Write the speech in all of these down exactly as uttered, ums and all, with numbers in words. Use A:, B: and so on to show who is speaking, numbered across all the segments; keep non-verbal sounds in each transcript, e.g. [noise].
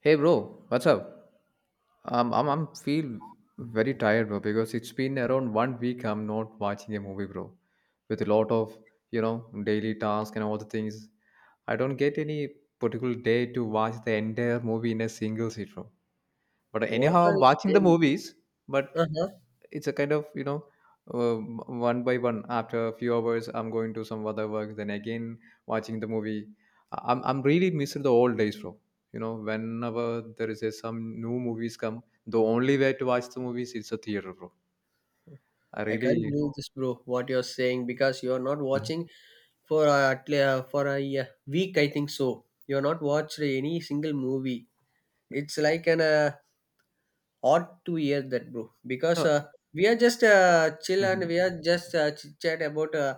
A: Hey bro, what's up? Um, I'm I'm feel very tired, bro, because it's been around one week I'm not watching a movie, bro. With a lot of you know daily tasks and all the things, I don't get any particular day to watch the entire movie in a single sit, bro. But
B: What
A: anyhow,
B: are
A: I'm
B: you
A: watching the
B: saying?
A: movies, but
B: Uh-huh.
A: it's a kind of you know um, one by one. After a few hours I'm going to some other work, then again watching the movie. I'm, I'm really missing the old days, bro. You know, whenever there is a, some new movies come, the only way to watch the movies is a theater, bro. I
B: I can't
A: really.
B: believe this, bro, what you're saying, because you're not
A: Mhm.
B: watching for uh, at le- uh, for a uh, week, I think so. You're not watched any single movie. It's like an uh, odd to hear that, bro. Because
A: No.
B: uh, We are just uh, chill and
A: Mhm.
B: we are just uh, chit chat about uh,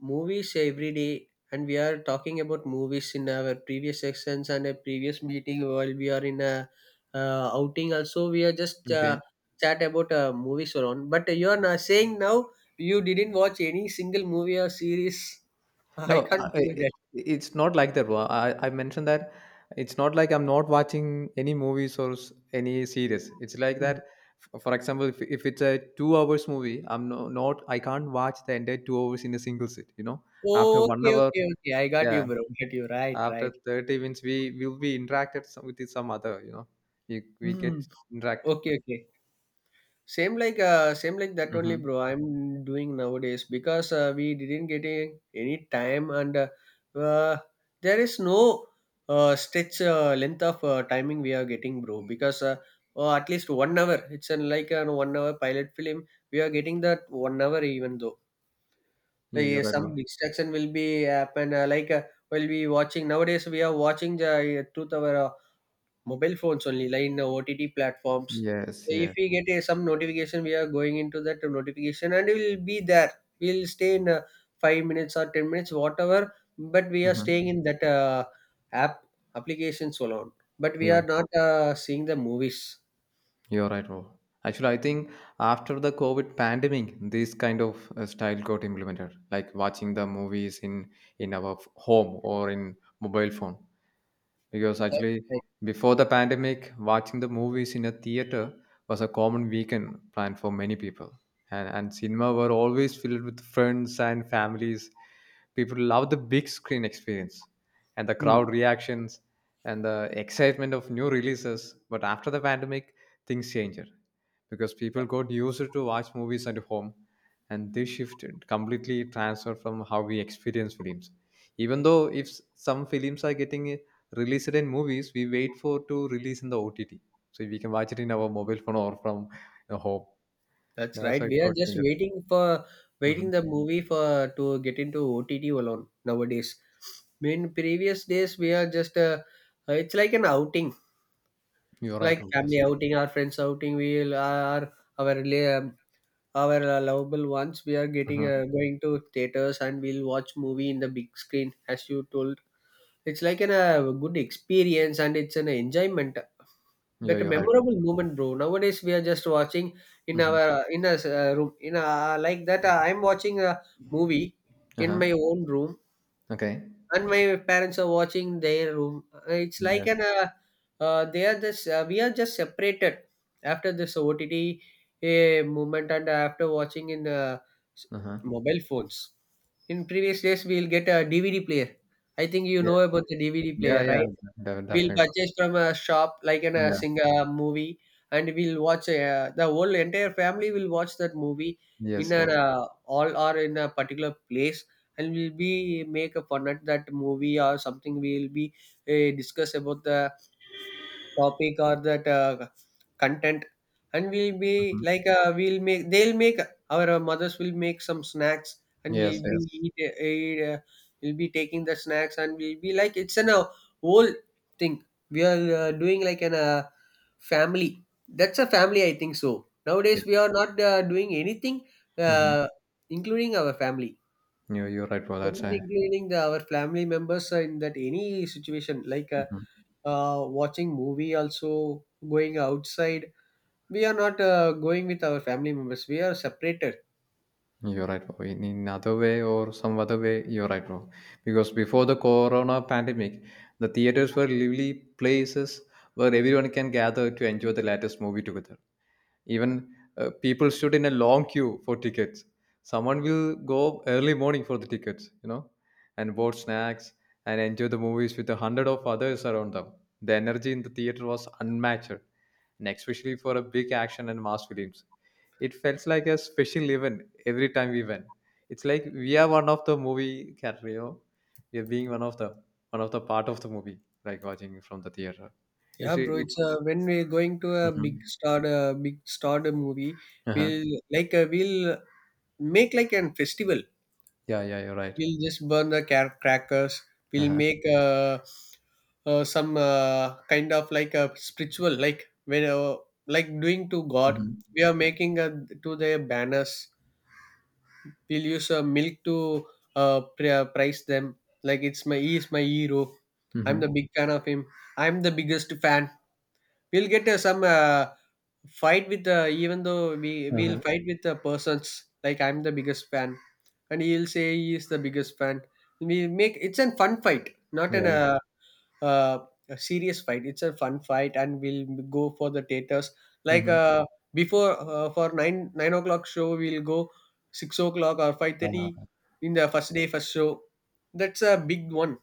B: movies every day, and we are talking about movies in our previous sections and a previous meeting while we are in a uh, outing also. We are just uh,
A: Okay.
B: chat about uh, movies around, but you are not saying now you didn't watch any single movie or series. [laughs] I
A: No, I,
B: can't believe
A: I-
B: that.
A: it's not like that, bro. I, I mentioned that it's not like I'm not watching any movies or s- any series. It's like
B: Mm.
A: that. f- For example, if, if it's a two hours movie, I'm no, not I can't watch the entire two hours in a single sit. You know, after
B: Oh,
A: one
B: okay,
A: hour,
B: okay, okay, I got
A: yeah,
B: you, bro. Got you. Right,
A: after
B: right.
A: thirty minutes, we will be interacted some- with some other. You know, we we
B: Mm.
A: get interact.
B: Okay, okay. Same like uh, same like that only,
A: Mm-hmm.
B: bro, I'm doing nowadays, because uh, we didn't get a, any time, and uh, uh, there is no uh, stretch uh, length of uh, timing we are getting, bro. Because uh, uh, At least one hour. It's an, like a one hour pilot film. We are getting that one hour, even though uh,
A: You, you're
B: yeah,
A: right,
B: some
A: bro.
B: distraction will be happen. Uh, like uh, we'll be watching nowadays. We are watching the uh, two hour. Uh, mobile phones only, like in the OTT platforms. So,
A: Yes,
B: if
A: yes.
B: we get a, some notification, we are going into that notification and we will be there. We'll stay in uh, five minutes or ten minutes, whatever, but we are
A: Mm-hmm.
B: staying in that uh, app applications alone, but we
A: Yeah,
B: are not uh, seeing the movies.
A: you're right, bro. Actually, I think after the COVID pandemic, this kind of uh, style got implemented, like watching the movies in in our f- home or in mobile phone, because
B: That's
A: actually
B: right.
A: before the pandemic, watching the movies in a theater was a common weekend plan for many people, and, and cinema were always filled with friends and families. People love the big screen experience and the
B: Hmm.
A: crowd reactions and the excitement of new releases. But after the pandemic, things changed because people got used to watch movies at home, and this shifted completely transferred from how we experience films. Even though if s- some films are getting release it in movies, we wait for to release in the O T T, so we can watch it in our mobile phone or from a home.
B: That's
A: That's
B: right.
A: why it
B: We are
A: got
B: just
A: changed.
B: waiting for waiting
A: Hmm.
B: the movie for to get into O T T alone nowadays. In previous days, we are just uh, it's like an outing.
A: You're right.
B: Like
A: Hope, yes.
B: family outing, our friends outing, we'll are our rela- um, our uh, lovable ones, we are getting
A: Uh-huh.
B: uh, going to theaters and we'll watch movie in the big screen, as you told. It's like an a good experience, and it's an enjoyment
A: You're,
B: but a
A: you're right.
B: memorable moment, bro. Nowadays we are just watching in
A: Mm-hmm.
B: our uh, in a uh, room, in a like that uh, I'm watching a movie in
A: Uh-huh.
B: my own room,
A: Okay.
B: and my parents are watching their room. It's like
A: Yes.
B: an uh, uh, they are just uh, we are just separated after this O T T uh, movement and after watching in uh, s-
A: Uh-huh.
B: mobile phones. In previous days, we'll get a D V D player. I think you
A: Yes,
B: know about
A: yes.
B: the D V D
A: Yeah,
B: player,
A: yeah.
B: right?
A: De-
B: We'll
A: definitely.
B: purchase from a shop, like in a
A: Yeah.
B: single movie, and we'll watch. Uh, the whole entire family will watch that movie
A: Yes.
B: in a
A: Yes.
B: uh, all or in a particular place, and we'll be make a fun at that movie or something. We'll be uh, discuss about the topic or that uh, content, and we'll be
A: Mm-hmm.
B: like uh, we'll make, they'll make our uh, mothers will make some snacks, and
A: Yes.
B: we'll be
A: Yes.
B: eat, eat, uh, we'll be taking the snacks, and we'll be like it's an uh, whole thing we are uh, doing, like an uh, family. That's a family, I think so.
A: Yes.
B: Nowadays we are not uh, doing anything
A: Mm-hmm.
B: uh, including our family.
A: You're, you're right. Well,
B: We're
A: that's
B: not
A: a.
B: including the, our family members uh, in that any situation, like uh,
A: Mhm.
B: uh, watching movie, also going outside, we are not uh, going with our family members. We are separated.
A: You're right, bro. In, in other way or some other way, you're right, bro. Because before the corona pandemic, the theaters were lively places where everyone can gather to enjoy the latest movie together. Even uh, people stood in a long queue for tickets. Someone will go early morning for the tickets, you know, and bought snacks and enjoy the movies with a hundred of others around them. The energy in the theater was unmatched, and especially for a big action and mass films. It felt like a special event every time we went. It's like we are one of the movie character, you know? We are being one of the one of the part of the movie, like watching from the theater. It's
B: Yeah, bro, it's
A: it's.
B: uh, when we're going to a big
A: Mhm.
B: star uh, big star movie,
A: Uh-huh.
B: we'll like uh, we'll make like an festival.
A: Yeah, yeah, you're right.
B: We'll just burn the car- crackers. We'll
A: Uh-huh.
B: make uh, uh, some uh, kind of like a spiritual, like when uh, like doing to god,
A: Mhm.
B: we are making uh to their banners. We'll use uh, milk to uh, pri- price them, like it's my, he is my hero. I'm the
A: Mhm.
B: big fan of him. I'm the biggest fan. We'll get uh, some uh, fight with uh, even though we we'll
A: Uh-huh.
B: fight with the persons, like I'm the biggest fan and he'll say he is the biggest fan. We make, it's a fun fight, not an
A: Yeah.
B: uh, uh, a serious fight. It's a fun fight, and we'll go for the theaters. Like
A: Mhm.
B: uh, Before uh, for nine nine o'clock show, we'll go six o'clock or five thirty,
A: Uh,
B: in the first day first show. That's a big one.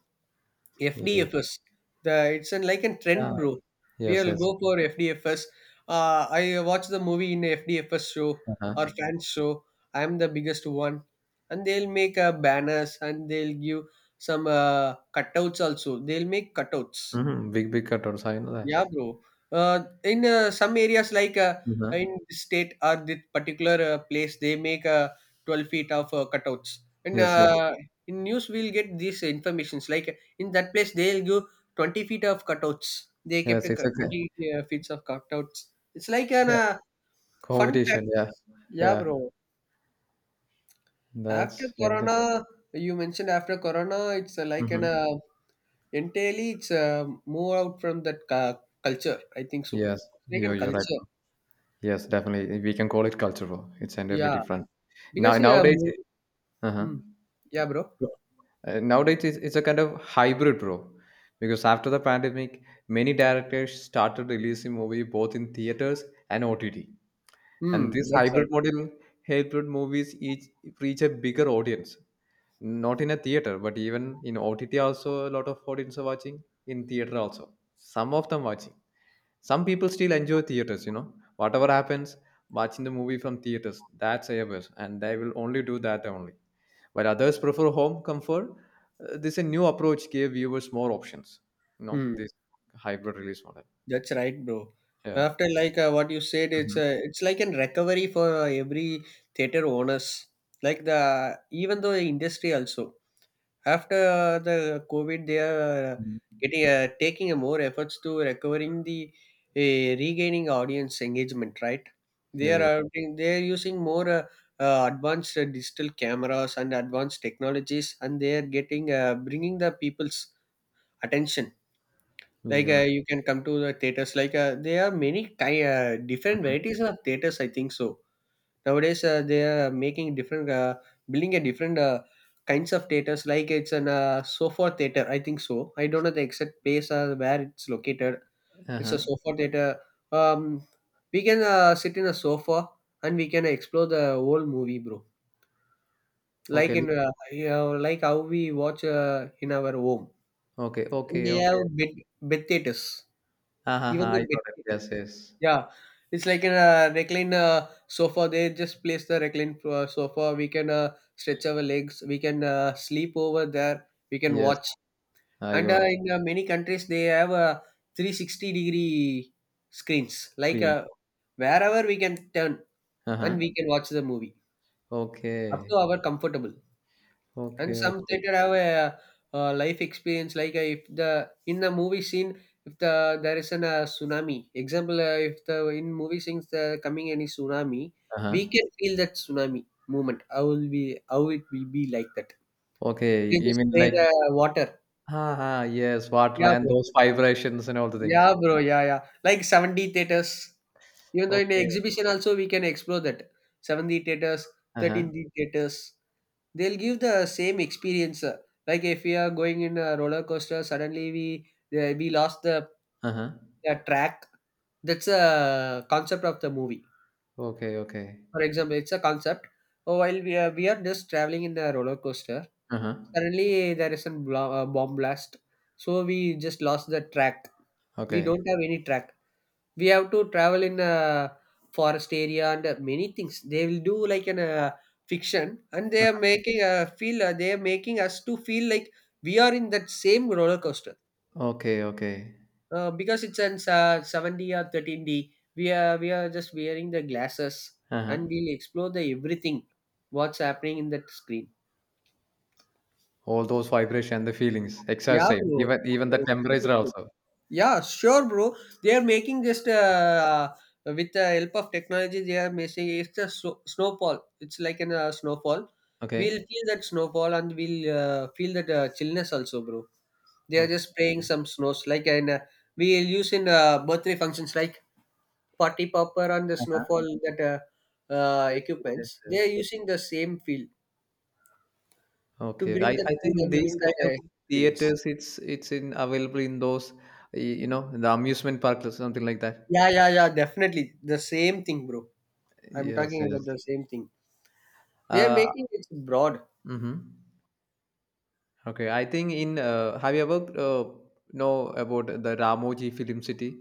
A: yeah.
B: F D F S. The it's an like a
A: Yeah.
B: trend, bro.
A: Yes,
B: We'll
A: yes.
B: go for F D F S. Uh, I watch the movie in F D F S show or
A: Uh-huh.
B: fan show. I'm the biggest one, and they'll make uh, banners, and they'll give some uh, cutouts also. They'll make cutouts.
A: Mhm. Big, big cutters. I know that.
B: Yeah, bro. Uh, in uh, some areas, like uh, in
A: Uh-huh.
B: this state or this particular uh, place, they make uh, twelve feet of uh, cutouts. And
A: Yes, yes.
B: uh, in news, we'll get these informations. Like in that place, they'll give twenty feet of cutouts. They kept
A: Yes,
B: a
A: it's
B: cut- twenty uh, feet of cutouts. It's like an
A: yeah,
B: uh, fun fact.
A: competition. Yeah.
B: Yeah,
A: Yeah.
B: bro. After
A: That's ended.
B: Corona, you mentioned, after Corona, it's uh, like an
A: Mm-hmm.
B: uh, entirely, it's uh, move out from that cu- culture, I think so.
A: Yes.
B: Like
A: You're,
B: an
A: you're right.
B: culture.
A: Yes, definitely. We can call it cultural. It's entirely
B: Yeah,
A: different. Now,
B: because yeah,
A: nowadays,
B: mo-
A: uh-huh.
B: mm, yeah, bro.
A: Uh, nowadays it's, it's a kind of hybrid, bro, because after the pandemic many directors started releasing movie both in theaters and OTT, and
B: Hmm,
A: this
B: that's
A: hybrid
B: right.
A: model helped movies each reach a bigger audience. Not in a theater, but even in OTT also a lot of audience are watching. In theater also some of them watching. Some people still enjoy theaters, you know, whatever happens, watching the movie from theaters, that's a best and they will only do that only, while others prefer home comfort. Uh, this a new approach gave viewers more options. You know,
B: Hmm,
A: this hybrid release model.
B: that's right, bro.
A: Yeah.
B: After like uh, what you said, it's
A: Mhm.
B: uh, it's like an recovery for uh, every theater owners. Like the even though the industry also. After uh, the COVID, they are uh,
A: Mhm.
B: getting uh, taking a more efforts to recovering the uh, regaining audience engagement, right?
A: Yeah,
B: They are
A: you're right.
B: uh, they are using more uh, uh, advanced uh, digital cameras and advanced technologies, and they are getting uh, bringing the people's attention.
A: Yeah,
B: Like
A: you're right.
B: uh, you can come to the theaters. Like uh, there are many ki- uh, different varieties of theaters, I think so. Nowadays uh, they are making different uh, building a different uh, kinds of theaters, like it's an uh, sofa theater, I think so. I don't know the exact place uh, where it's located. It's a
A: Uh-huh.
B: sofa theater. Um, we can uh, sit in a sofa and we can explore the whole movie, bro, like
A: Okay. li-
B: in uh, you know, like how we watch uh, in our home.
A: Okay.
B: And
A: Okay.
B: they have
A: Okay.
B: bed, bed theaters,
A: Uh-huh.
B: even
A: I
B: the bed
A: got it.
B: theaters.
A: Yes, yes.
B: Yeah, it's like a uh, recline uh, sofa. They just place the recline uh, sofa. We can uh, stretch our legs. We can uh, sleep over there. We can
A: Yes.
B: watch.
A: I
B: And
A: got
B: uh,
A: it.
B: in uh, many countries, they have uh, three hundred sixty degree screens. Like
A: Queen.
B: uh, wherever we can turn
A: Uh-huh.
B: and we can watch the movie up to
A: Okay.
B: our comfortable. And
A: Okay.
B: some
A: Okay.
B: theater have a, uh, life experience, like uh, if the in the movie scene, if the there is an uh, tsunami, example uh, if the in movie scenes the coming any tsunami, we
A: Uh-huh.
B: can feel that tsunami moment, how will be, how it will be, like that
A: Okay.
B: they
A: You
B: just
A: mean
B: spray
A: like
B: the water.
A: uh-huh. Yes, water
B: Yeah,
A: and
B: bro.
A: those vibrations and all the things.
B: Yeah, bro. Yeah, yeah, like seventy theaters, even though in the
A: Okay.
B: exhibition also we can explore that. seventy theaters,
A: Uh-huh.
B: thirteen D theaters. They'll give the same experience. Uh, like if we are going in a roller coaster, suddenly we uh, we lost the,
A: Uh-huh.
B: the track. That's a concept of the movie.
A: Okay. Okay.
B: For example, it's a concept. Oh, while we are we are just traveling in a roller coaster,
A: Uh-huh.
B: suddenly there is a bla- uh, bomb blast. So we just lost the track. We
A: Okay.
B: don't have any track. We have to travel in a forest area and uh, many things. They will do like an uh, fiction, and they are making uh, feel. Uh, they are making us to feel like we are in that same roller coaster.
A: Okay, okay.
B: Uh, because it's an uh, seventy or thirteen D, we are we are just wearing the glasses and
A: Uh-huh.
B: we'll explore the everything what's happening in that screen.
A: All those vibration, the feelings, exact
B: Yeah,
A: same.
B: bro.
A: Even even the temperature also.
B: Yeah, sure, bro. They are making just uh, uh, with the help of technology. They are making it's a snow- snowfall. It's like an uh, snowfall. We'll
A: Okay.
B: feel that snowfall, and we'll uh, feel that uh, chillness also, bro. They are
A: Okay.
B: just spraying some snows, like, and uh, we'll use in uh, birthday functions, like party popper and the
A: Uh-huh.
B: snowfall, that uh, uh,
A: Yes, yes, yes,
B: equipments. They are
A: yes.
B: using the same field to
A: Okay, okay. I,
B: bring that
A: I
B: feel
A: think
B: and
A: these
B: bring that
A: kind of
B: uh, experience.
A: theaters, it's it's in available in those, y- you know, the amusement park or something like that.
B: Yeah, yeah, yeah, definitely the same thing, bro. I'm
A: Yes,
B: talking
A: yes.
B: about the same thing. They are
A: Uh,
B: making it broad.
A: mm-hmm. Okay. I think in uh, have you ever uh, know about the Ramoji Film City?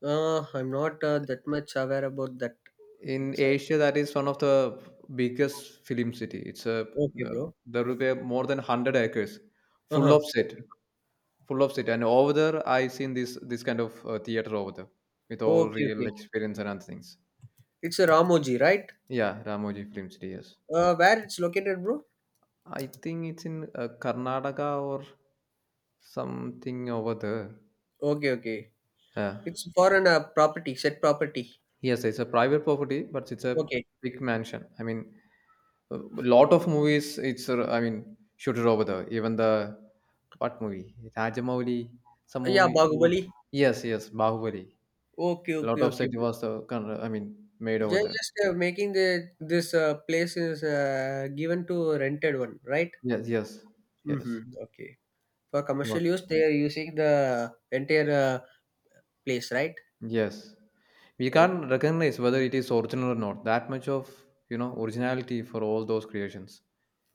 B: Uh, I'm not uh, that much aware about that.
A: In
B: Exact.
A: Asia, that is one of the biggest film city. It's a
B: Okay,
A: uh,
B: bro.
A: there will be more than one hundred acres, full of
B: Uh-huh.
A: set,
B: Okay.
A: full of set. And over there, I seen this this kind of uh, theater over there with all
B: Okay,
A: real
B: okay.
A: experience and other things.
B: It's a Ramoji, right?
A: Yeah, Ramoji Film City. Yes,
B: Uh, where it's located, bro?
A: I think it's in uh, Karnataka or something over there.
B: Okay, okay.
A: Yeah.
B: It's for an uh, property, set property.
A: Yes, it's a private property, but it's a
B: Okay.
A: big mansion. I mean, a lot of movies it's uh, I mean shoot it over there, even the what movie, Rajamouli, some
B: Yeah,
A: movie, movie.
B: Bahubali.
A: Yes, yes, Bahubali.
B: Okay,
A: A lot
B: okay,
A: of
B: okay,
A: set
B: bro.
A: was uh, kind of, I mean made over
B: Ju-
A: there.
B: Just uh, making the this uh, place is uh, given to rented one, right?
A: Yes, yes. Yes,
B: Mm-hmm. Okay. For
A: lot.
B: commercial use, they are using the entire uh, place, right?
A: Yes, we can't recognize whether it is original or not. That much of, you know, originality for all those creations.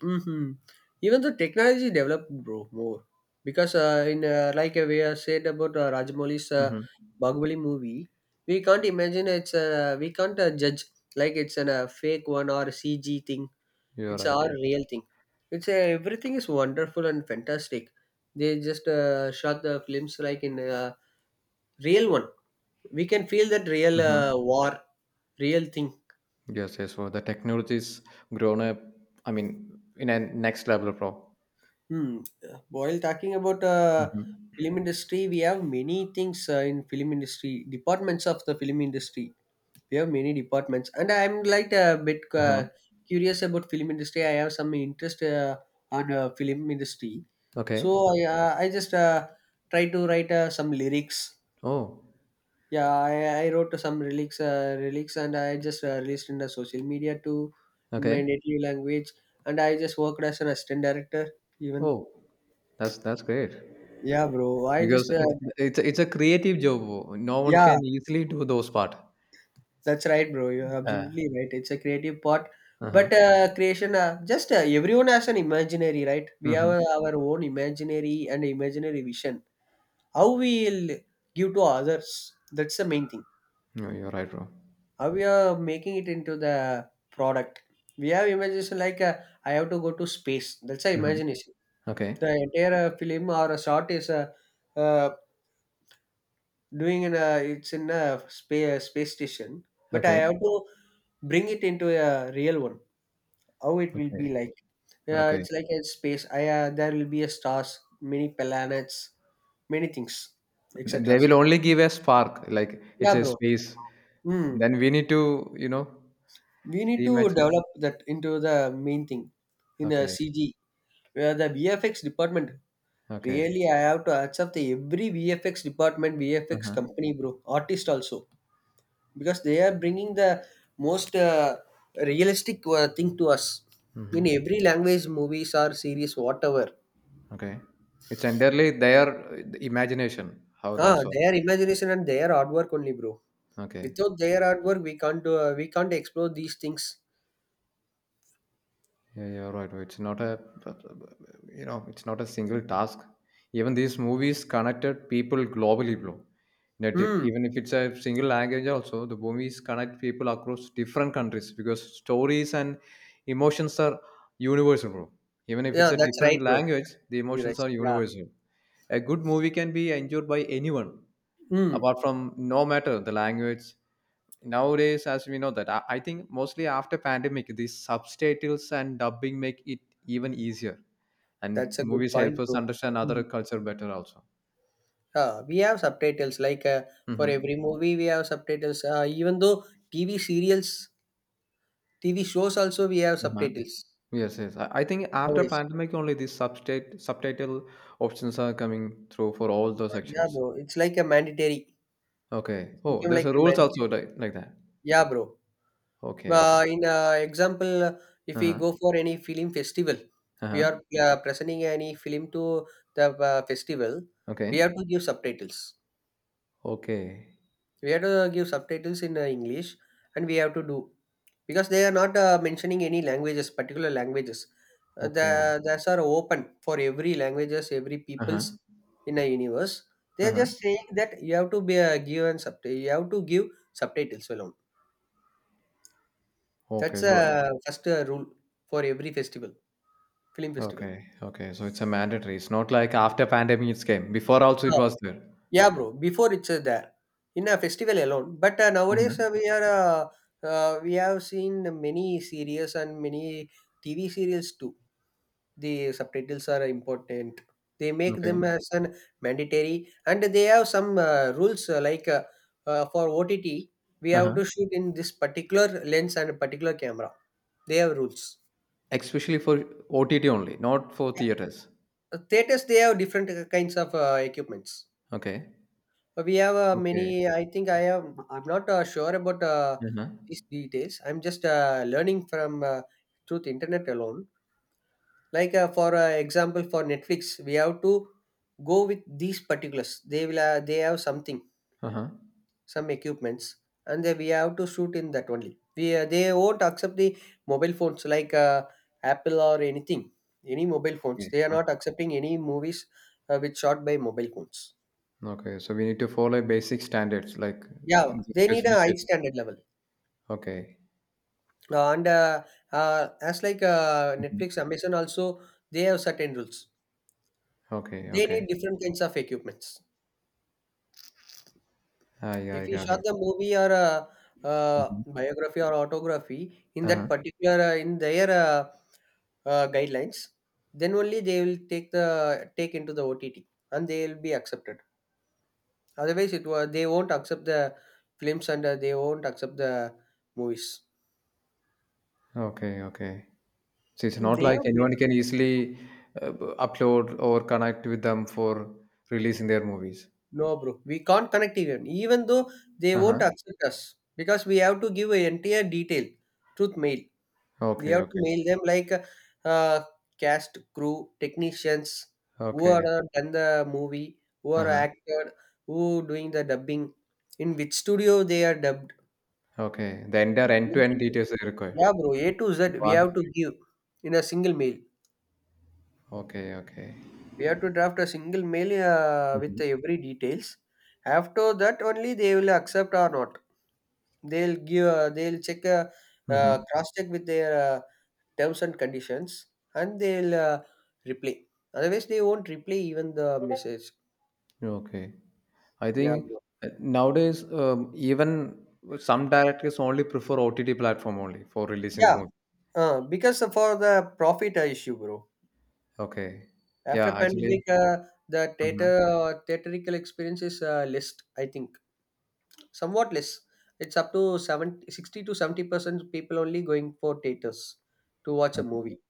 B: Mhm. Even the technology developed, bro, more because uh, in uh, like uh, we have said about uh, Rajamouli's uh,
A: Hmm.
B: Bahubali movie, we can't imagine it's uh, we can't uh, judge like it's a uh, fake one or a C G thing.
A: You're
B: It's
A: right.
B: our
A: Yes.
B: real thing. It's uh, Everything is wonderful and fantastic. They just uh, shot the films like in uh, real one. We can feel that real
A: Hmm.
B: uh, war, real thing.
A: Yes, yes, well the technology is grown up, I mean, in a next level, pro.
B: Hmm. uh, While talking about uh,
A: Hmm.
B: film industry, we have many things uh, in film industry departments of the film industry. We have many departments, and I'm like a bit
A: Uh-huh.
B: uh, curious about film industry. I have some interest uh, on uh, film industry, so
A: Okay.
B: I uh, I just uh, try to write uh, some lyrics.
A: Oh,
B: Yeah, I, I wrote some lyrics, uh, lyrics, and I just uh, released in the social media too, in my
A: okay.
B: native language, and I just worked as an assistant director even.
A: Oh, that's that's great,
B: Yeah, bro. I
A: because
B: just uh,
A: it, it's a- it's a creative job. No one
B: Yeah,
A: can easily do those part.
B: that's right, bro. You're
A: Uh,
B: absolutely right. It's a creative part,
A: uh-huh.
B: but uh, creation uh, just uh, everyone has an imaginary, right? We have
A: Mm-hmm.
B: uh, our own imaginary and imaginary vision. How we'll give to others. That's the main thing.
A: No, you're right, bro.
B: How we are making it into the product. We have imagination like uh, I have to go to space. That's a
A: Mhm.
B: imagination. The
A: Okay.
B: entire uh, film or a shot is a uh, doing in a it's in a space space station, but I
A: Okay.
B: have to bring it into a real one. How it will
A: Okay.
B: be like? Yeah,
A: Okay.
B: it's like a space. I uh, There will be a stars, many planets, many things,
A: Th- They
B: et cetera.
A: will only give a spark, like it's
B: Yeah,
A: a
B: bro.
A: space.
B: Hmm.
A: Then we need to, you know,
B: We need to
A: reimagine.
B: develop that into the main thing in a
A: Okay.
B: C G, where the V F X department
A: Okay.
B: really. I have to accept the every V F X department, V F X
A: Uh-huh.
B: company, bro, artist also, because they are bringing the most uh, realistic uh, thing to us in
A: Mm-hmm.
B: every language movies or series whatever.
A: Okay. It's entirely their uh, imagination. How
B: Ah,
A: that's all.
B: their imagination and their artwork only, bro.
A: Okay.
B: Without their artwork we can't do, uh, we can't explore these things.
A: Yeah, yeah, right, right. It's not a, you know, it's not a single task. Even these movies connected people globally, bro. That if,
B: Hmm.
A: even if it's a single language, also the movies connect people across different countries, because stories and emotions are universal, bro. Even if it's
B: Yeah,
A: a
B: that's right,
A: different
B: bro.
A: language, the
B: You're right,
A: emotions are
B: yeah.
A: universal. A good movie can be enjoyed by anyone,
B: Hmm.
A: apart from no matter the language. Nowadays, as we know, that i I think mostly after pandemic these subtitles and dubbing make it even easier, and
B: That's a good
A: movies help
B: point,
A: us
B: bro.
A: understand other
B: Hmm.
A: culture better also.
B: Ah, we have subtitles like uh, for
A: Hmm.
B: every movie we have subtitles, uh, even though TV serials, TV shows also we have
A: Uh-huh.
B: subtitles
A: Yes, yes, I, I think after
B: nowadays.
A: pandemic only these substate subtitle options are coming through for all the
B: Yeah,
A: sections.
B: bro. It's like a mandatory.
A: Okay.
B: It
A: Oh,
B: became
A: there's
B: like
A: a
B: a
A: rules
B: mandatory.
A: also like, like that.
B: Yeah, bro.
A: Okay, okay.
B: Uh, in uh, example, uh, if we
A: Uh-huh.
B: go for any film festival, we
A: Uh-huh.
B: are uh, presenting any film to the uh, festival. We
A: Okay.
B: have to give subtitles.
A: Okay.
B: We have to give subtitles in uh, English, and we have to do because they are not uh, mentioning any languages particular languages. Uh, the
A: Okay.
B: That's are open for every languages, every peoples
A: Uh-huh.
B: in a universe. They are
A: Uh-huh.
B: just saying that you have to be uh, given sub you have to give subtitles alone.
A: Okay,
B: That's
A: so
B: uh, first uh, rule for every festival, film festival.
A: okay, okay. So it's a mandatory. It's not like after pandemic it's came. Before also it was there.
B: Yeah, bro. Before it's uh, there in a festival alone, but uh, nowadays uh,
A: Mhm.
B: we are uh, uh, we have seen many series and many T V serials too. The subtitles are important. They make
A: Okay.
B: them as an mandatory, and they have some uh, rules uh, like uh, uh, for O T T, we have
A: Uh-huh.
B: to shoot in this particular lens and a particular camera. They have rules.
A: Especially for O T T only, not for
B: Yeah.
A: theaters.
B: Uh, Theaters they have different uh, kinds of uh, equipments.
A: Okay.
B: Uh, We have uh,
A: Okay.
B: many. I think I am. I'm not uh, sure about uh,
A: Uh-huh.
B: these details. I'm just uh, learning from uh, truth internet alone. Like uh, for uh, example, for Netflix, we have to go with these particulars. They will. Uh, they have something,
A: Uh-huh.
B: some equipments, and then we have to shoot in that only. We uh, They won't accept the mobile phones like uh, Apple or anything. Any mobile phones,
A: Okay.
B: they are
A: Okay.
B: not accepting any movies uh, which shot by mobile phones.
A: Okay. So we need to follow basic standards like
B: Yeah,
A: the
B: they need a high
A: specific.
B: standard level.
A: Okay.
B: Uh, and uh, uh, As like uh,
A: Mhm.
B: Netflix, Amazon also they have certain rules.
A: Okay.
B: They need
A: Okay.
B: different kinds of equipments.
A: I I
B: If you
A: got
B: shot
A: it.
B: the movie or a, uh,
A: Mhm.
B: biography or autography in that
A: Uh-huh.
B: particular uh, in their uh, uh, guidelines, then only they will take the take into the OTT and they will be accepted. Otherwise it was, they won't accept the films, and uh, they won't accept the movies.
A: Okay. Okay. So it's not
B: They
A: like
B: have.
A: anyone can easily uh, upload or connect with them for releasing their movies.
B: No, bro. We can't connect. Even, even though they
A: Uh-huh.
B: won't accept us, because we have to give an entire detail, truth mail. We
A: Okay,
B: have to
A: okay.
B: mail them like uh, cast, crew, technicians, who are
A: Okay.
B: uh, done the movie, who are
A: Uh-huh.
B: acted, who doing the dubbing, in which studio they are dubbed.
A: Okay. The entire end-to-end details are required.
B: Yeah, bro. A to Z we
A: Wow.
B: have to give in a single mail.
A: Okay, okay.
B: We have to draft a single mail uh, with
A: Mhm.
B: every details. After that, only they will accept or not. They'll give uh, they'll check uh, uh,
A: Mhm.
B: cross-check with their uh, terms and conditions, and they'll uh, reply. Otherwise, they won't reply even the message.
A: Okay. I
B: Yeah,
A: think
B: bro.
A: uh, nowadays, um, even some directors only prefer O T T platform only for releasing the
B: Yeah,
A: movie.
B: uh, because for the profit uh, issue, bro.
A: Okay.
B: After
A: Yeah, actually,
B: pandemic, uh, the
A: uh-huh.
B: theater uh, theatrical experience is uh, less. I think somewhat less. It's up to seventy, sixty to seventy percent people only going for theaters to watch a
A: Okay.
B: movie.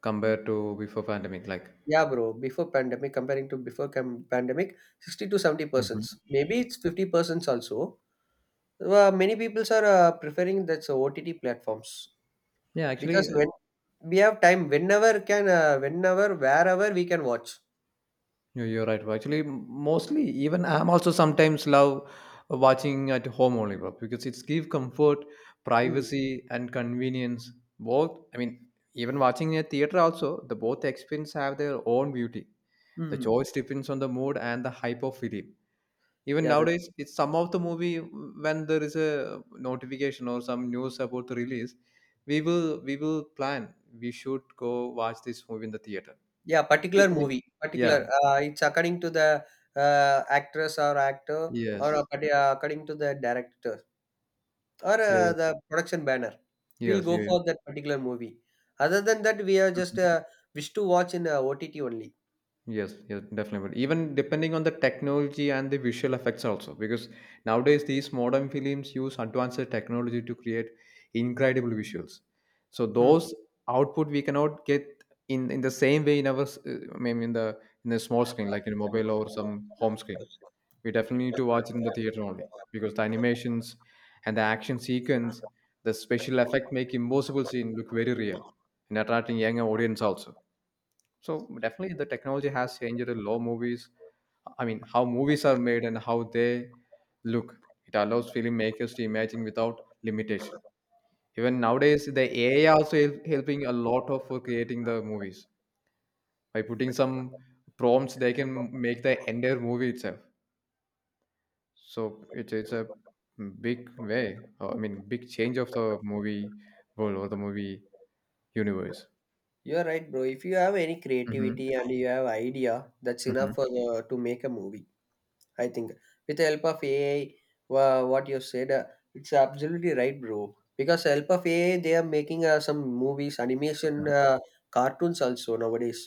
A: Compared to before pandemic, like.
B: Yeah, bro. Before pandemic, comparing to before cam- pandemic, sixty to seventy percent.
A: Mhm.
B: Maybe it's fifty percent also. Uh, many people are uh, preferring that's uh, O T T platforms
A: Yeah, actually,
B: because
A: uh,
B: when we have time, whenever can, uh, whenever wherever we can watch.
A: yeah, you're right. Actually, m- mostly even I'm also sometimes love watching at home only, bro, because it's give comfort,
B: Hmm.
A: privacy, and convenience. Both. I mean, even watching in a theater also, the both experience have their own beauty. The
B: Hmm.
A: choice depends on the mood and the hype of film. Even
B: Yeah, that
A: nowadays, it's some of the movie when there is a notification or some news about the release, we will we will plan. We should go watch this movie in the theater.
B: yeah, particular
A: Definitely.
B: movie,
A: Yeah.
B: particular. Uh, it's according to the uh, actress or actor, or
A: Yes.
B: accord- uh, according to the director, or
A: Yeah,
B: uh,
A: yeah.
B: the production banner. We'll
A: Yes,
B: go
A: yeah, yeah.
B: for that particular movie. Other than that we are just
A: Mhm.
B: uh, wish to watch in uh, OTT only.
A: Yes, yes, definitely. But even depending on the technology and the visual effects also, because nowadays these modern films use advanced technology to create incredible visuals. So
B: Hmm.
A: those output we cannot get in in the same way in our, s- uh, I mean, in the in the small screen like in a mobile or some home screen. We definitely need to watch it in the theater only, because the animations and the action sequence, the special effect make impossible scene look very real and attracting younger audience also. So definitely the technology has changed a lot movies. I mean, how movies are made and how they look. It allows filmmakers to imagine without limitation. Even nowadays, the A I also help, helping a lot of for creating the movies by putting some prompts. They can make the entire movie itself. So it's it's a big way. uh, I mean, big change of the movie world or the movie universe.
B: You are right, bro. If you have any
A: Mm-hmm.
B: creativity and you have idea, that's
A: Mm-hmm.
B: enough for the, to make a movie, I think, with the help of AI. Wha- what you said, uh, it's absolutely right, bro, because help of AI they are making uh, some movies, animation, uh, cartoons also nowadays.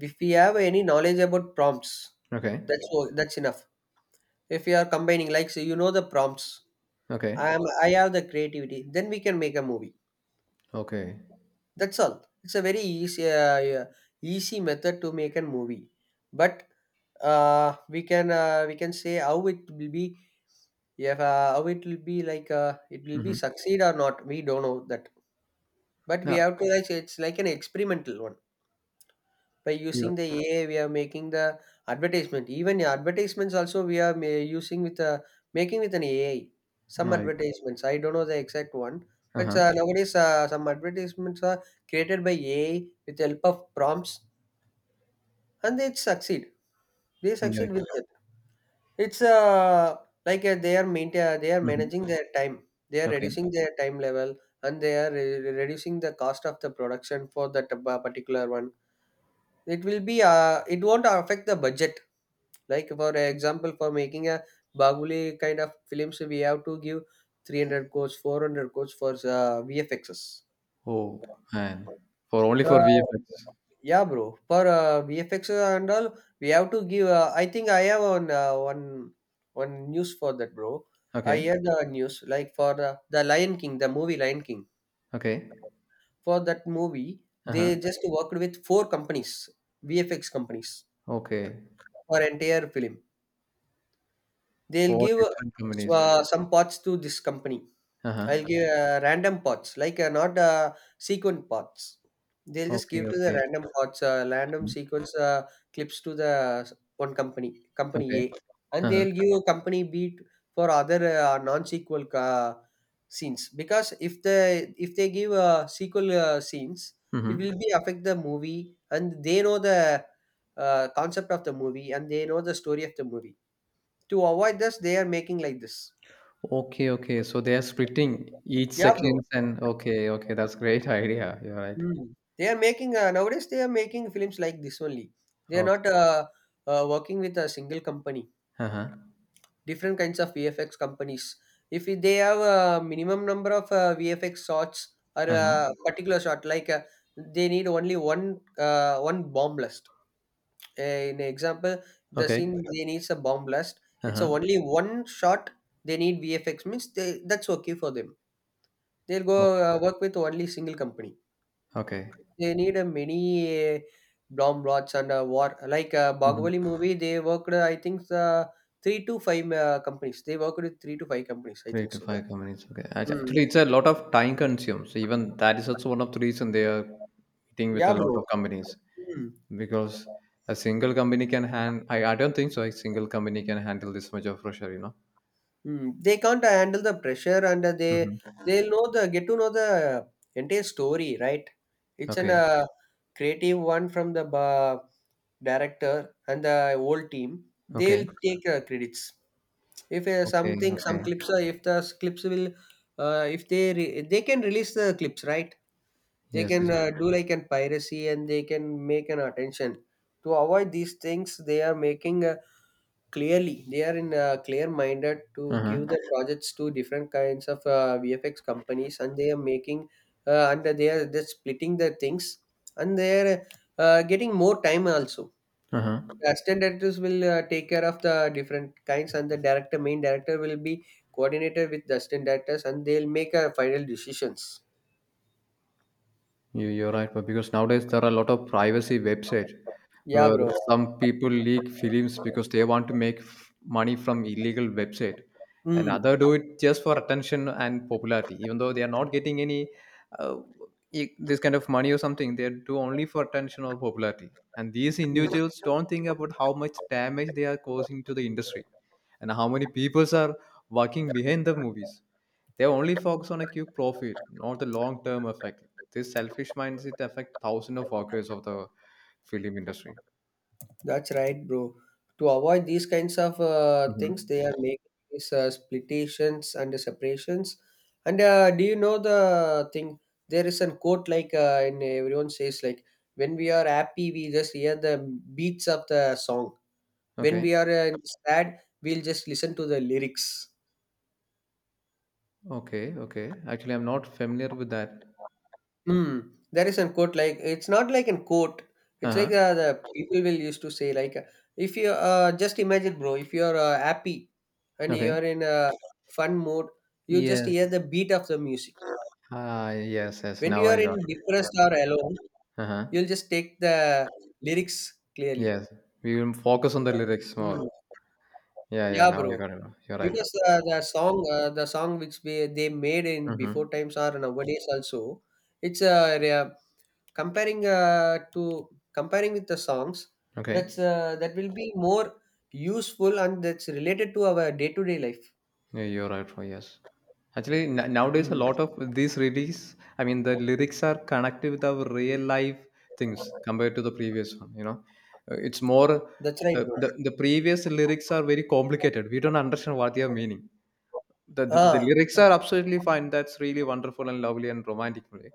B: If we have any knowledge about prompts,
A: Okay.
B: that's o- that's enough. If we are combining like so you know the prompts, i
A: Okay.
B: am I have the creativity, then we can make a movie.
A: Okay.
B: That's all. It's a very easy uh, yeah, easy method to make a movie. But uh, we can uh, we can say how it will be, if uh, how it will be like, uh, it will be
A: Mm-hmm.
B: succeed or not we don't know that. But we have to, like, it's like an experimental one. By
A: Yeah.
B: using the A I, we are making the advertisement. Even advertisements also we are ma- using with a, making with an A I. Some
A: Right.
B: advertisements, I don't know the exact one, but
A: Uh-huh.
B: uh, nowadays uh, some advertisements are created by A I with the help of prompts, and they succeed. They
A: Yeah.
B: succeed with it. It's uh, like uh, they are maintain, uh, they are
A: Mhm.
B: managing their time. They are
A: Okay.
B: reducing their time level, and they are re- reducing the cost of the production for that uh, particular one. It will be, uh, it won't affect the budget. Like for example, for making a Bahubali kind of films, we have to give three hundred crores, four hundred crores for uh, V F Xs.
A: Oh, man. For only for
B: Uh,
A: V F X.
B: yeah, bro. For uh, V F X and all, we have to give. Uh, I think I have on uh, one one news for that, bro. I
A: Okay.
B: heard the news like for uh, the Lion King, the movie Lion King.
A: Okay.
B: For that movie,
A: Uh-huh.
B: they just worked with four companies, V F X companies,
A: Okay.
B: for entire film. They'll
A: Four
B: give
A: different companies.
B: uh, some parts to this company.
A: Uh-huh.
B: I'll give uh, random pots, like uh, not uh, sequent pots. They'll just
A: Okay.
B: give to the
A: Okay.
B: random pots, uh, random
A: Mhm.
B: sequence uh, clips to the s- one company, company
A: Okay.
B: A, and
A: Uh-huh.
B: they'll give company B t- for other uh, non-sequel uh, scenes. Because if the if they give uh, sequel uh, scenes, it
A: Mm-hmm.
B: will be affect the movie, and they know the uh, concept of the movie, and they know the story of the movie. To avoid this, they are making like this.
A: Okay. Okay. So they are splitting each
B: Yeah, bro.
A: seconds and okay. Okay. That's great [laughs] idea. You're right.
B: Mm. They are making uh, nowadays they are making films like this only. They are
A: Okay.
B: not uh, uh, working with a single company.
A: Uh-huh.
B: Different kinds of V F X companies. If they have a minimum number of uh, V F X shots or
A: Uh-huh.
B: a particular shot, like uh, they need only one uh, one bomb blast. Uh, in example, the scene
A: Okay.
B: they needs a bomb blast. It's a
A: Uh-huh.
B: only one shot. They need V F X means they, that's okay for them. They'll go uh,
A: Okay.
B: work with only single company.
A: Okay.
B: They need a many uh, bomb lots and uh, war like uh,
A: Mm-hmm.
B: Bahubali movie. They worked, uh, I think, uh, three to five uh, companies. They worked with three to five companies. I
A: Three
B: think
A: to
B: so.
A: five companies. Okay. Act- Actually,
B: Mm.
A: it's a lot of time consumed. So even that is also one of the reason they are meeting with a
B: Yeah,
A: lot of
B: bro.
A: companies
B: Mm.
A: because a single company can hand. I, I don't think so. A single company can handle this much of pressure. You know.
B: Mm. They can't uh, handle the pressure, and uh, they
A: Hmm.
B: they'll know the get to know the entire story, right? It's an
A: Okay.
B: uh, creative one from the uh, director and the whole team.
A: Okay.
B: They'll take uh, credits. if uh,
A: Okay.
B: something some
A: Okay.
B: clips are if the s- clips will uh, if they re- they can release the clips, right? They
A: Yes. Yes.
B: can uh, do like an piracy and they can make an attention. To avoid these things they are making uh, clearly, they are in uh, clear minded to
A: Uh
B: give
A: huh.
B: the projects to different kinds of uh, VFX companies, and they are making uh, and they are just splitting the things, and they are uh, getting more time also.
A: Uh huh.
B: The assistant directors will uh, take care of the different kinds, and the director, main director will be coordinated with the assistant directors, and they'll make uh, final decisions.
A: You you're right, but because nowadays there are a lot of privacy websites
B: Yeah,
A: where
B: bro.
A: some people leak films because they want to make f- money from illegal website, and
B: mm,
A: other do it just for attention and popularity, even though they are not getting any uh, e- this kind of money or something. They do only for attention or popularity, and these
B: mm.
A: individuals don't think about how much damage they are causing to the industry and how many peoples are working behind the movies. They only focus on a quick profit, not the long term effect. This selfish mindset affect thousands of workers of the film industry.
B: That's right, bro. To avoid these kinds of uh, things
A: Mhm.
B: they are making these uh, splitations and separations. And uh, do you know the thing, there is a quote like uh, in everyone says like, when we are happy we just hear the beats of the song. When
A: Okay.
B: we are uh, sad we'll just listen to the lyrics.
A: Okay. Okay. Actually, I'm not familiar with that.
B: Hmm. There is a quote like, it's not like a quote. It's like
A: Uh-huh.
B: uh, the people will used to say like uh, if you uh, just imagine, bro, if you're uh, happy and you
A: Okay.
B: are in a fun mode, you just
A: Yes.
B: hear the beat of the music.
A: Ah, yes, yes.
B: When
A: Now
B: you are
A: I
B: in
A: got it.
B: depressed or alone
A: Uh-huh.
B: you'll just take the lyrics clearly.
A: Yes. We will focus on the lyrics
B: Mm.
A: more. Yeah, yeah.
B: Yeah,
A: Now I got
B: bro.
A: it. You're right.
B: Because uh, the song uh, the song which we, they made in before
A: Mm-hmm.
B: times or nowadays also it's uh, re- comparing uh, to comparing with the songs, that's
A: Okay.
B: uh, that will be more useful and that's related to our day-to-day life.
A: Yeah, you're right, Roy. Yes. Actually, n- nowadays a
B: mm,
A: lot of these release, I mean, the lyrics are connected with our real life things compared to the previous one. You know, Uh, it's more
B: that's right,
A: uh,
B: bro.
A: the the previous lyrics are very complicated. We don't understand what they are meaning. the, the the
B: Ah,
A: lyrics are absolutely fine. That's really wonderful and lovely and romantic way.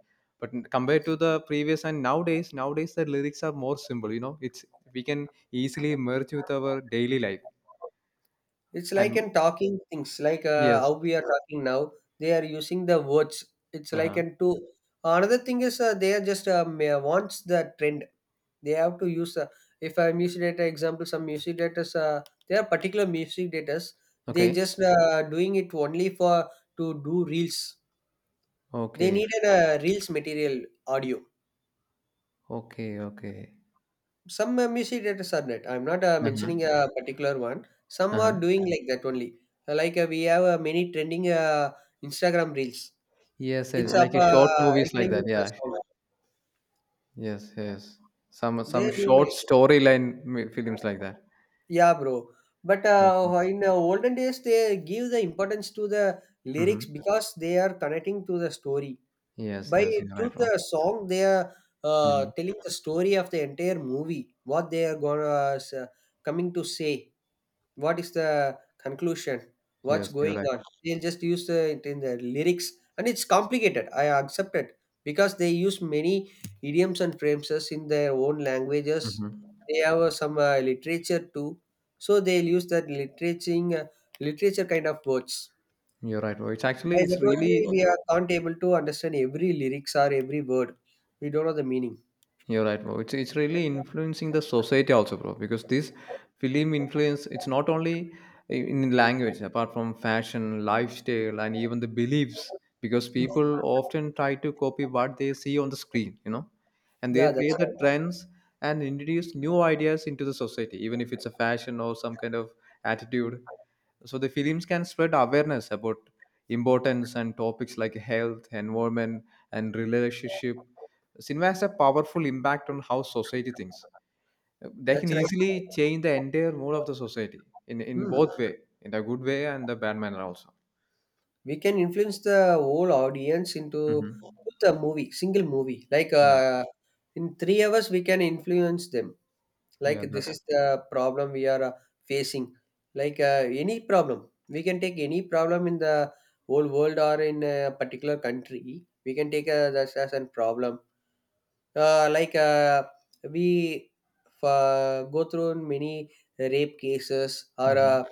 A: But n- compared to the previous and nowadays nowadays the lyrics are more simple. You know, it's, we can easily merge with our daily life
B: it's like
A: and
B: in talking things like uh,
A: yes.
B: how we are talking now, they are using the words. It's like
A: Uh-huh.
B: in to another thing is uh, they are just uh, ma- wants the trend. They have to use uh, if a music data, example, some music data, uh, they are particular music data, they
A: Okay.
B: just uh, doing it only for to do reels. They
A: Okay.
B: needed a reels material audio.
A: Okay. Okay.
B: Some uh, music editors are that. I'm not uh,
A: Uh-huh.
B: mentioning a particular one. Some are
A: Uh-huh.
B: doing like that only. Uh, Like uh, we have uh, many trending uh, Instagram reels.
A: Yes,
B: It's
A: yes,
B: up
A: like a short
B: uh,
A: movies like
B: recording
A: that.
B: with a
A: Yeah.
B: song.
A: Yes, yes. some some
B: They doing
A: short
B: like that.
A: storyline mi- films like that.
B: Yeah, bro. But
A: Yes.
B: uh, oh, in uh, olden days, they give the importance to the lyrics
A: Mm-hmm.
B: because they are connecting to the story.
A: Yes,
B: By
A: yes, you're
B: through
A: right, Rob.
B: the song, they are uh,
A: Mhm.
B: telling the story of the entire movie, what they are gonna uh, coming to say, what is the conclusion, what's
A: Yes, you're
B: going
A: right.
B: on. They'll just use the, it in the lyrics, and it's complicated. I accept it because they use many idioms and phrases in their own languages.
A: Mm-hmm.
B: They have uh, some uh, literature too, so they'll use that literature, literature kind of words.
A: You're right, bro. It's
B: By
A: actually it's
B: that only
A: really
B: we are, can't able to understand every lyrics or every word. We don't know the meaning.
A: you're right, bro. It's it's really influencing the society also, bro. Because this film influence, it's not only I- in language, apart from fashion, lifestyle, and even the beliefs. Because people often try to copy what they see on the screen, you know, and they
B: Yeah, that's
A: create the
B: right.
A: trends and introduce new ideas into the society, even if it's a fashion or some kind of attitude. So the films can spread awareness about importance and topics like health, environment, and relationship. Cinema has a powerful impact on how society thinks. Uh, They can
B: That's right.
A: easily change the entire mood of the society in, in
B: Hmm.
A: both way, in the good way and the bad manner also.
B: We can influence the whole audience into
A: Hmm.
B: with a movie, single movie. Like
A: Yeah,
B: uh, in three hours, we can influence them. Like
A: yeah,
B: this
A: that's
B: is the problem we are uh, facing. Like uh, any problem, we can take any problem in the whole world or in a particular country. We can take uh, that as a problem, uh, like uh, we uh, go through in many rape cases or
A: hmm
B: uh,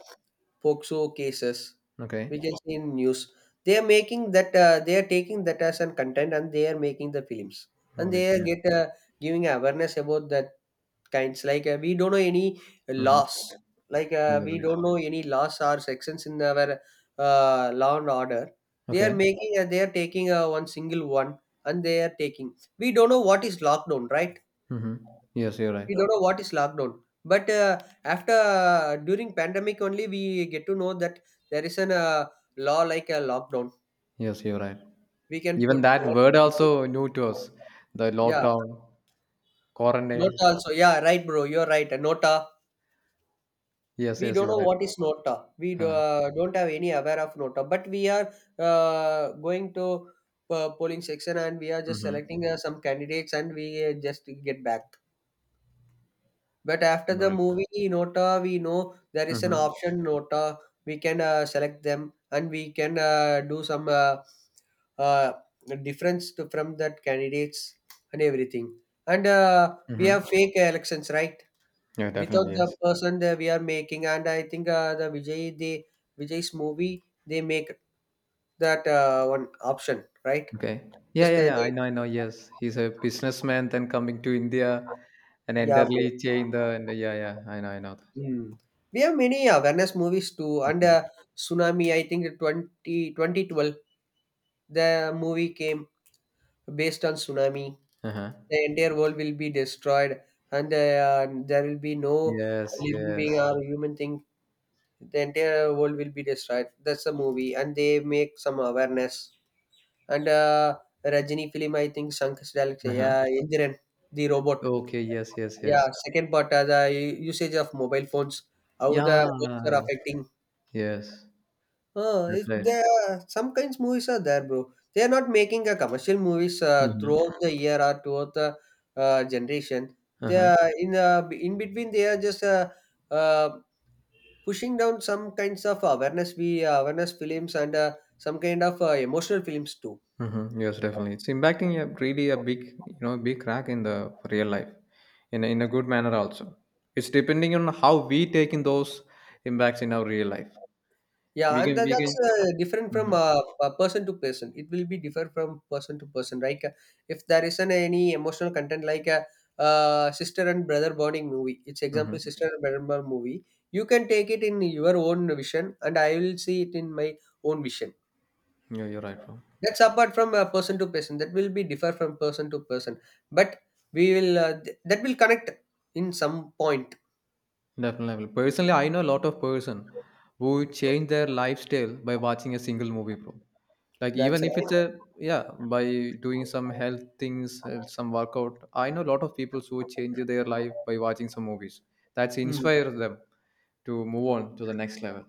B: P O X O cases. We
A: okay.
B: can see in news they are making that uh, they are taking that as an content and they are making the films, and they are
A: Obviously,
B: get uh, giving awareness about that kinds. Like uh, we don't know any
A: mm-hmm.
B: laws, like
A: Yeah,
B: uh,
A: you're
B: we
A: right.
B: don't know any laws or sections in our uh, law and order. They are
A: Okay.
B: making uh, they are taking uh, one single one, and they are taking, we don't know what is lockdown, right?
A: Mm-hmm. Yes, you're right.
B: We don't know what is lockdown, but uh, after uh, during pandemic only we get to know that there is an uh, law like a lockdown,
A: Yes, you're right.
B: we can
A: Even
B: put.
A: that word also new to us. The
B: Yeah,
A: lockdown, quarantine.
B: nota also. Yeah, right, bro, you're right, a nota.
A: Yes,
B: We
A: yes,
B: don't
A: you're
B: know
A: right.
B: what is Nota. We do,
A: Uh,
B: uh, don't have any aware of Nota, but we are uh, going to uh, polling section and we are just
A: mm-hmm.
B: selecting uh, some candidates and we uh, just get back. But after
A: You're
B: the
A: right.
B: movie Nota, we know there is an
A: Mm-hmm.
B: option Nota. We can uh, select them and we can uh, do some uh, uh, difference to, from that candidates and everything. And uh, we
A: Mm-hmm.
B: have fake elections, right?
A: Yeah,
B: Without
A: definitely.
B: the
A: Yes.
B: person that we are making. And I think uh, the vijay the Vijay's movie, they make that uh, one option, right?
A: Okay. Yeah,
B: just
A: yeah,
B: uh,
A: yeah.
B: they,
A: I know, I know. Yes, he's a businessman, then coming to India and
B: yeah, bro.
A: entirely change the. And yeah, yeah. I know, I know that.
B: Hmm. We have many awareness movies too. And
A: Mhm.
B: uh, tsunami, I think twenty twenty twelve, the movie came based on tsunami.
A: Uh-huh.
B: The entire world will be destroyed, and uh, there will be no
A: Yes,
B: living being
A: yes.
B: or human thing. The entire world will be destroyed, that's a movie, and they make some awareness. And uh, Rajini film, I think Shankar's director,
A: Uh-huh.
B: yeah, Indiran, the robot,
A: Okay. Yes, yes, yes.
B: yeah. Second part, that usage of mobile phones, how the phones are
A: Yeah.
B: affecting.
A: Yes,
B: Huh?
A: that's right.
B: There are- some kinds movies are there, bro. They are not making a commercial movies uh,
A: Uh-huh.
B: throughout the year or to the uh, generation. They
A: Uh-huh.
B: are in uh, in between. They are just uh, uh, pushing down some kinds of awareness, be awareness films, and uh, some kind of uh, emotional films too.
A: Mm-hmm. Yes, definitely. It's impacting a really a big, you know, big crack in the real life, in a, in a good manner also. It's depending on how we take in those impacts in our real life.
B: Yeah,
A: We
B: and
A: can,
B: that,
A: we
B: that's
A: can.
B: uh, different from
A: Mm-hmm.
B: uh, uh, person to person. It will be different from person to person. Like uh, if there isn't any emotional content, like a uh, uh, sister and brother bonding movie. It's example
A: Mm-hmm.
B: sister and brother bond movie. You can take it in your own vision, and I will see it in my own vision.
A: Yeah, you're right, bro.
B: That's apart from uh, person to person. That will be differ from person to person. But we will uh, th- that will connect in some point.
A: Definitely. Definitely. Personally, I know a lot of person who change their lifestyle by watching a single movie, bro. Like
B: That's
A: even if
B: right.
A: it's a yeah, by doing some health things, uh, some workout. I know a lot of people who change their life by watching some movies. That's
B: Hmm.
A: inspire them to move on to the next level.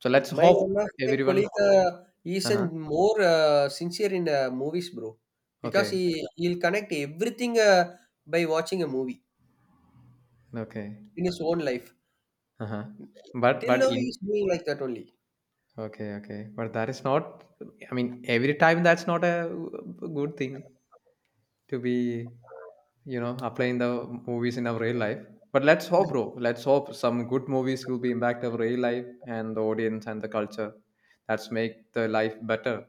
A: So let's
B: My
A: hope
B: one of my
A: everyone.
B: colleague uh, is
A: Uh
B: an
A: huh.
B: more uh, sincere in uh, movies, bro, because
A: Okay.
B: he he'll connect everything uh, by watching a movie
A: Okay.
B: in his own life.
A: Uh huh. But
B: Till
A: but
B: now,
A: in
B: he's doing like that only.
A: okay, okay. But that is not, I mean, every time that's not a good thing to be, you know, applying the movies in our real life. But let's hope, bro. Let's hope some good movies will be impact our real life and the audience and the culture. That's make the life better.